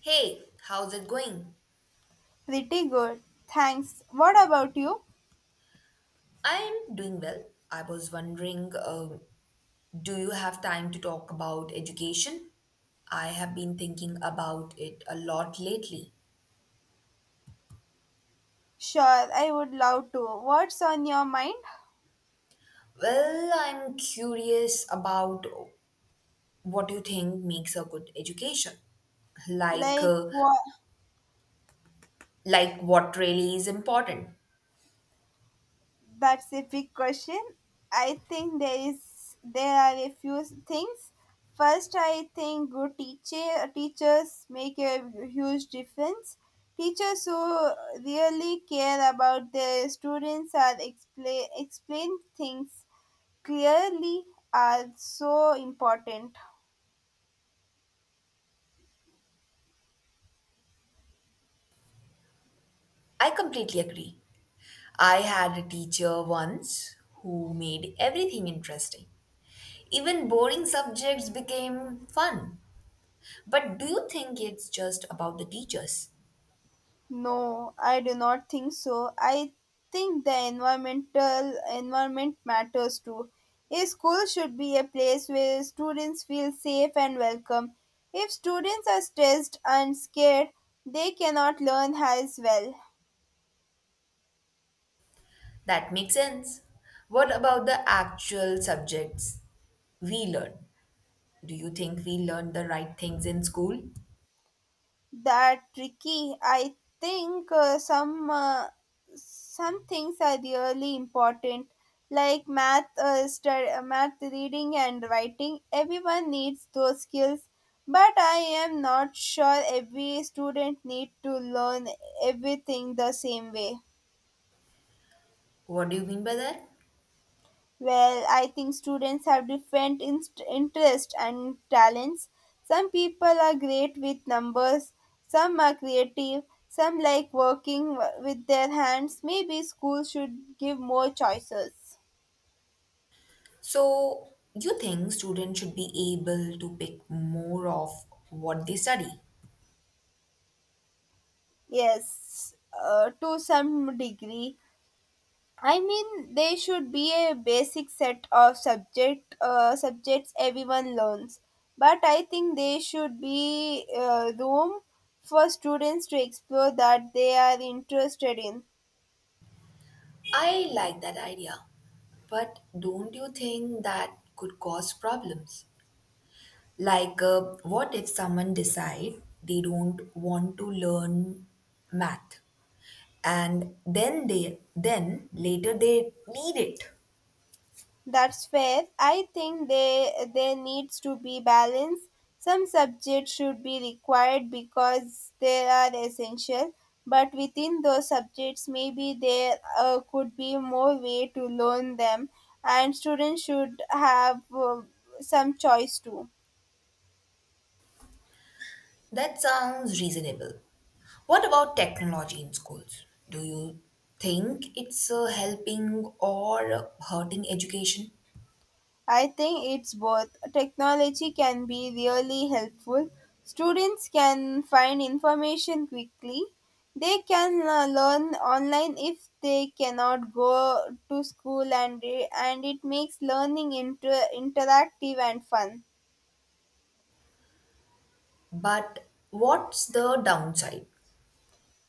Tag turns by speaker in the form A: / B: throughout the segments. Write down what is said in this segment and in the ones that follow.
A: Hey, how's it going?
B: Pretty good. Thanks. What about you?
A: I'm doing well. I was wondering, do you have time to talk about education? I have been thinking about it a lot lately.
B: Sure, I would love to. What's on your mind?
A: Well, I'm curious about what you think makes a good education. Like,
B: Like
A: uh,
B: what
A: like what really is important.
B: that's a big question. I think there are a few things. First, I think good teachers make a huge difference. Teachers who really care about their students are explain things clearly are so important.
A: I completely agree. I had a teacher once who made everything interesting. Even boring subjects became fun. But do you think it's just about the teachers?
B: No, I do not think so. I think the environment matters too. A school should be a place where students feel safe and welcome. If students are stressed and scared, they cannot learn as well.
A: That makes sense. What about the actual subjects we learn? Do you think we learn the right things in school?
B: That tricky. I think some things are really important, like math, math reading and writing. Everyone needs those skills, but I am not sure every student need to learn everything the same way.
A: What do you mean by that?
B: Well, I think students have different interests and talents. Some people are great with numbers, some are creative, some like with their hands. Maybe school should give more choices.
A: So, you think students should be able to pick more of what they study?
B: Yes, to some degree. I mean, there should be a basic set of subjects everyone learns, but I think there should be room for students to explore that they are interested in.
A: I like that idea. But don't you think that could cause problems? What if someone decide they don't want to learn math and then they then later they need it.
B: That's fair. I think they there needs to be balance. Some subjects should be required because they are essential, but within those subjects, maybe there could be more way to learn them, and students should have some choice too.
A: That sounds reasonable. What about technology in schools? Do you think it's helping or hurting education?
B: I think it's both. Technology can be really helpful. Students can find information quickly. They can learn online if they cannot go to school and it makes interactive and fun.
A: But what's the downside?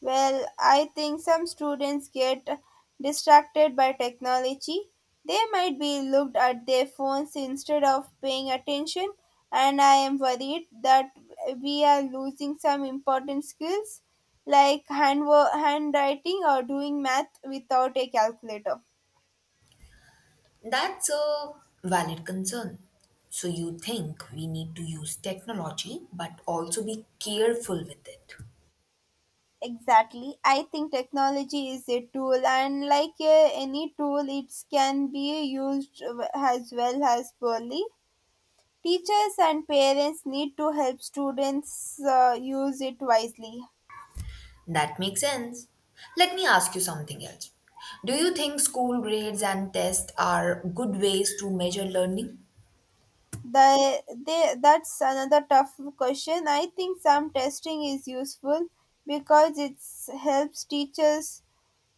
B: Well, I think some students get distracted by technology. They might be looked at their phones instead of paying attention, and I am worried that we are losing some important skills like handwriting or doing math without a calculator.
A: That's a valid concern. So you think we need to use technology but also be careful with it?
B: Exactly. I think technology is a tool, and like any tool, it can be used as well as poorly. Teachers and parents need to help students use it wisely.
A: That makes sense. Let me ask you something else. Do you think school grades and tests are good ways to measure learning?
B: That's another tough question. I think some testing is useful because it helps teachers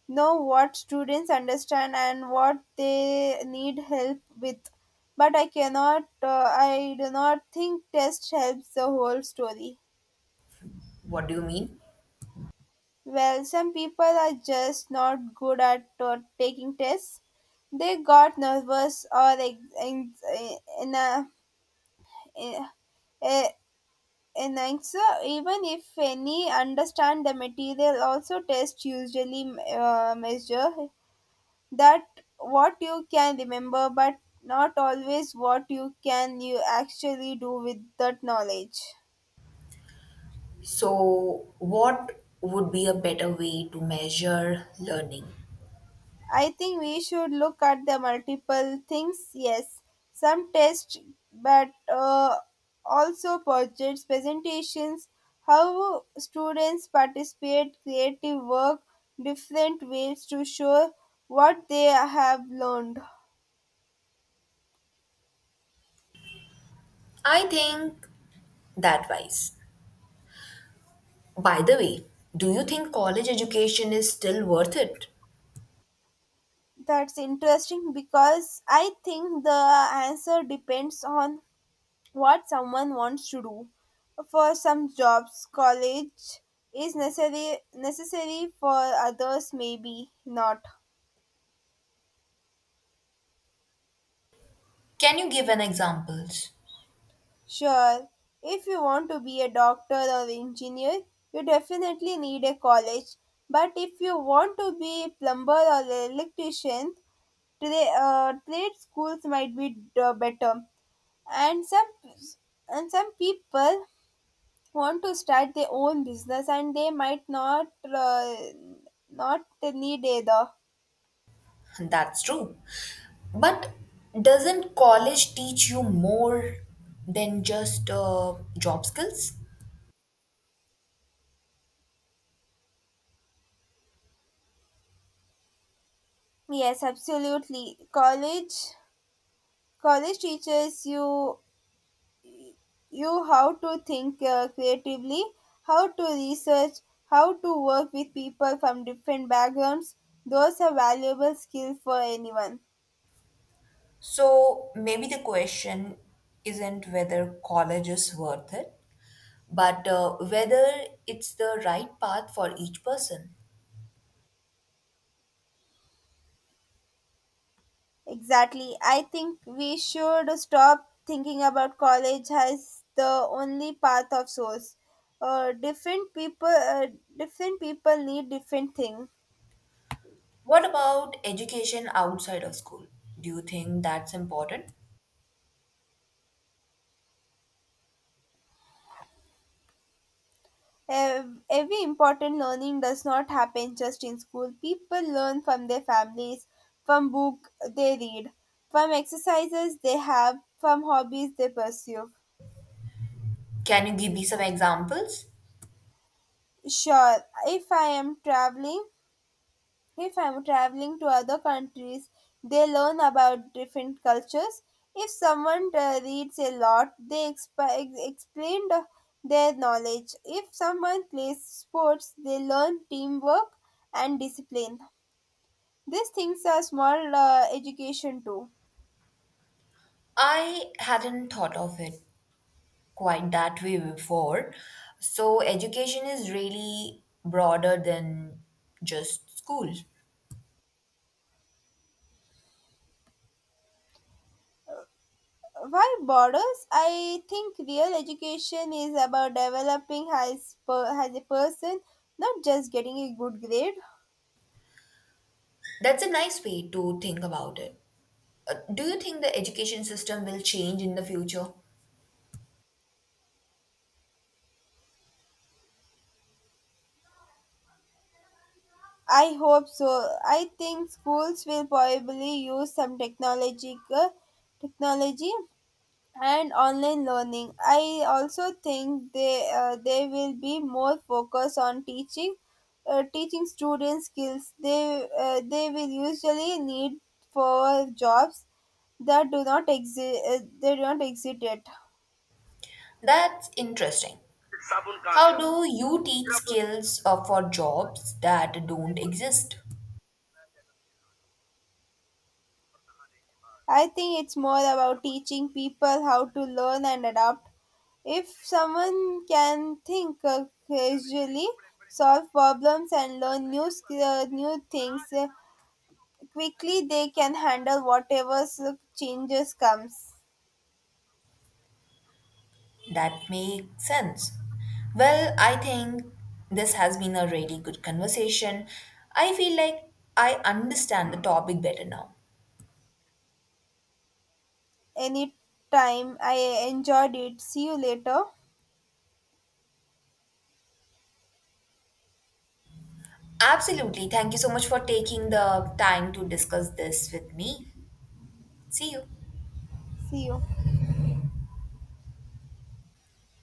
B: know what students understand and what they need help with. But I do not think test helps the whole story.
A: What do you mean?
B: Well, some people are just not good at taking tests. They got nervous or in a, in a, in answer, even if any understand the material. Also, tests usually measure that what you can remember, but not always what you actually do with that knowledge.
A: So, what would be a better way to measure learning?
B: I think we should look at the multiple things. Yes, some tests, but also projects, presentations, how students participate, creative work, different ways to show what they have learned.
A: I think that wise. By the way, do you think college education is still worth it?
B: That's interesting because I think the answer depends on what someone wants to do. For some jobs, college is necessary for others maybe not.
A: Can you give an examples?
B: Sure, if you want to be a doctor or engineer, you definitely need a college. But if you want to be a plumber or an electrician, trade schools might be better. And some and some people want to start their own business and they might not need either.
A: That's true. But doesn't college teach you more than just job skills?
B: Yes, absolutely. College teaches you how to think creatively, how to research, how to work with people from different backgrounds. Those are valuable skills for anyone.
A: So maybe the question isn't whether college is worth it, but whether it's the right path for each person.
B: Exactly. I think we should stop thinking about college as the only path of source. Uh, different people, uh, Different people need different things.
A: What about education outside of school? Do you think that's important?
B: Every important learning does not happen just in school. People learn from their families, from book they read, from exercises they have, from hobbies they pursue.
A: Can you give me some examples?
B: Sure, if I am traveling If I'm traveling to other countries, they learn about different cultures. If someone reads a lot, they their knowledge. If someone plays sports, they learn teamwork and discipline. These things are small education too.
A: I hadn't thought of it quite that way before. So, education is really broader than just school.
B: Why borders? I think real education is about developing as a person, not just getting a good grade.
A: That's a nice way to think about it. Do you think the education system will change in the future?
B: I hope so. I think schools will probably use some technological technology and online learning. I also think they will be more focused on teaching students skills they will usually need for jobs that do not exist, they do not exist yet.
A: That's interesting.
B: साबुन कहाँ
A: How
B: गया?
A: do you teach skills for jobs that don't exist?
B: I think it's more about teaching people how to learn and adapt. If someone can think casually, solve problems, and learn new things quickly, they can handle whatever changes comes.
A: That makes sense. Well, I think this has been a really good conversation. I feel like I understand the topic better now.
B: Any time, I enjoyed it. See you later.
A: Absolutely. Thank you so much for taking the time to discuss this with me. See you.
B: See you.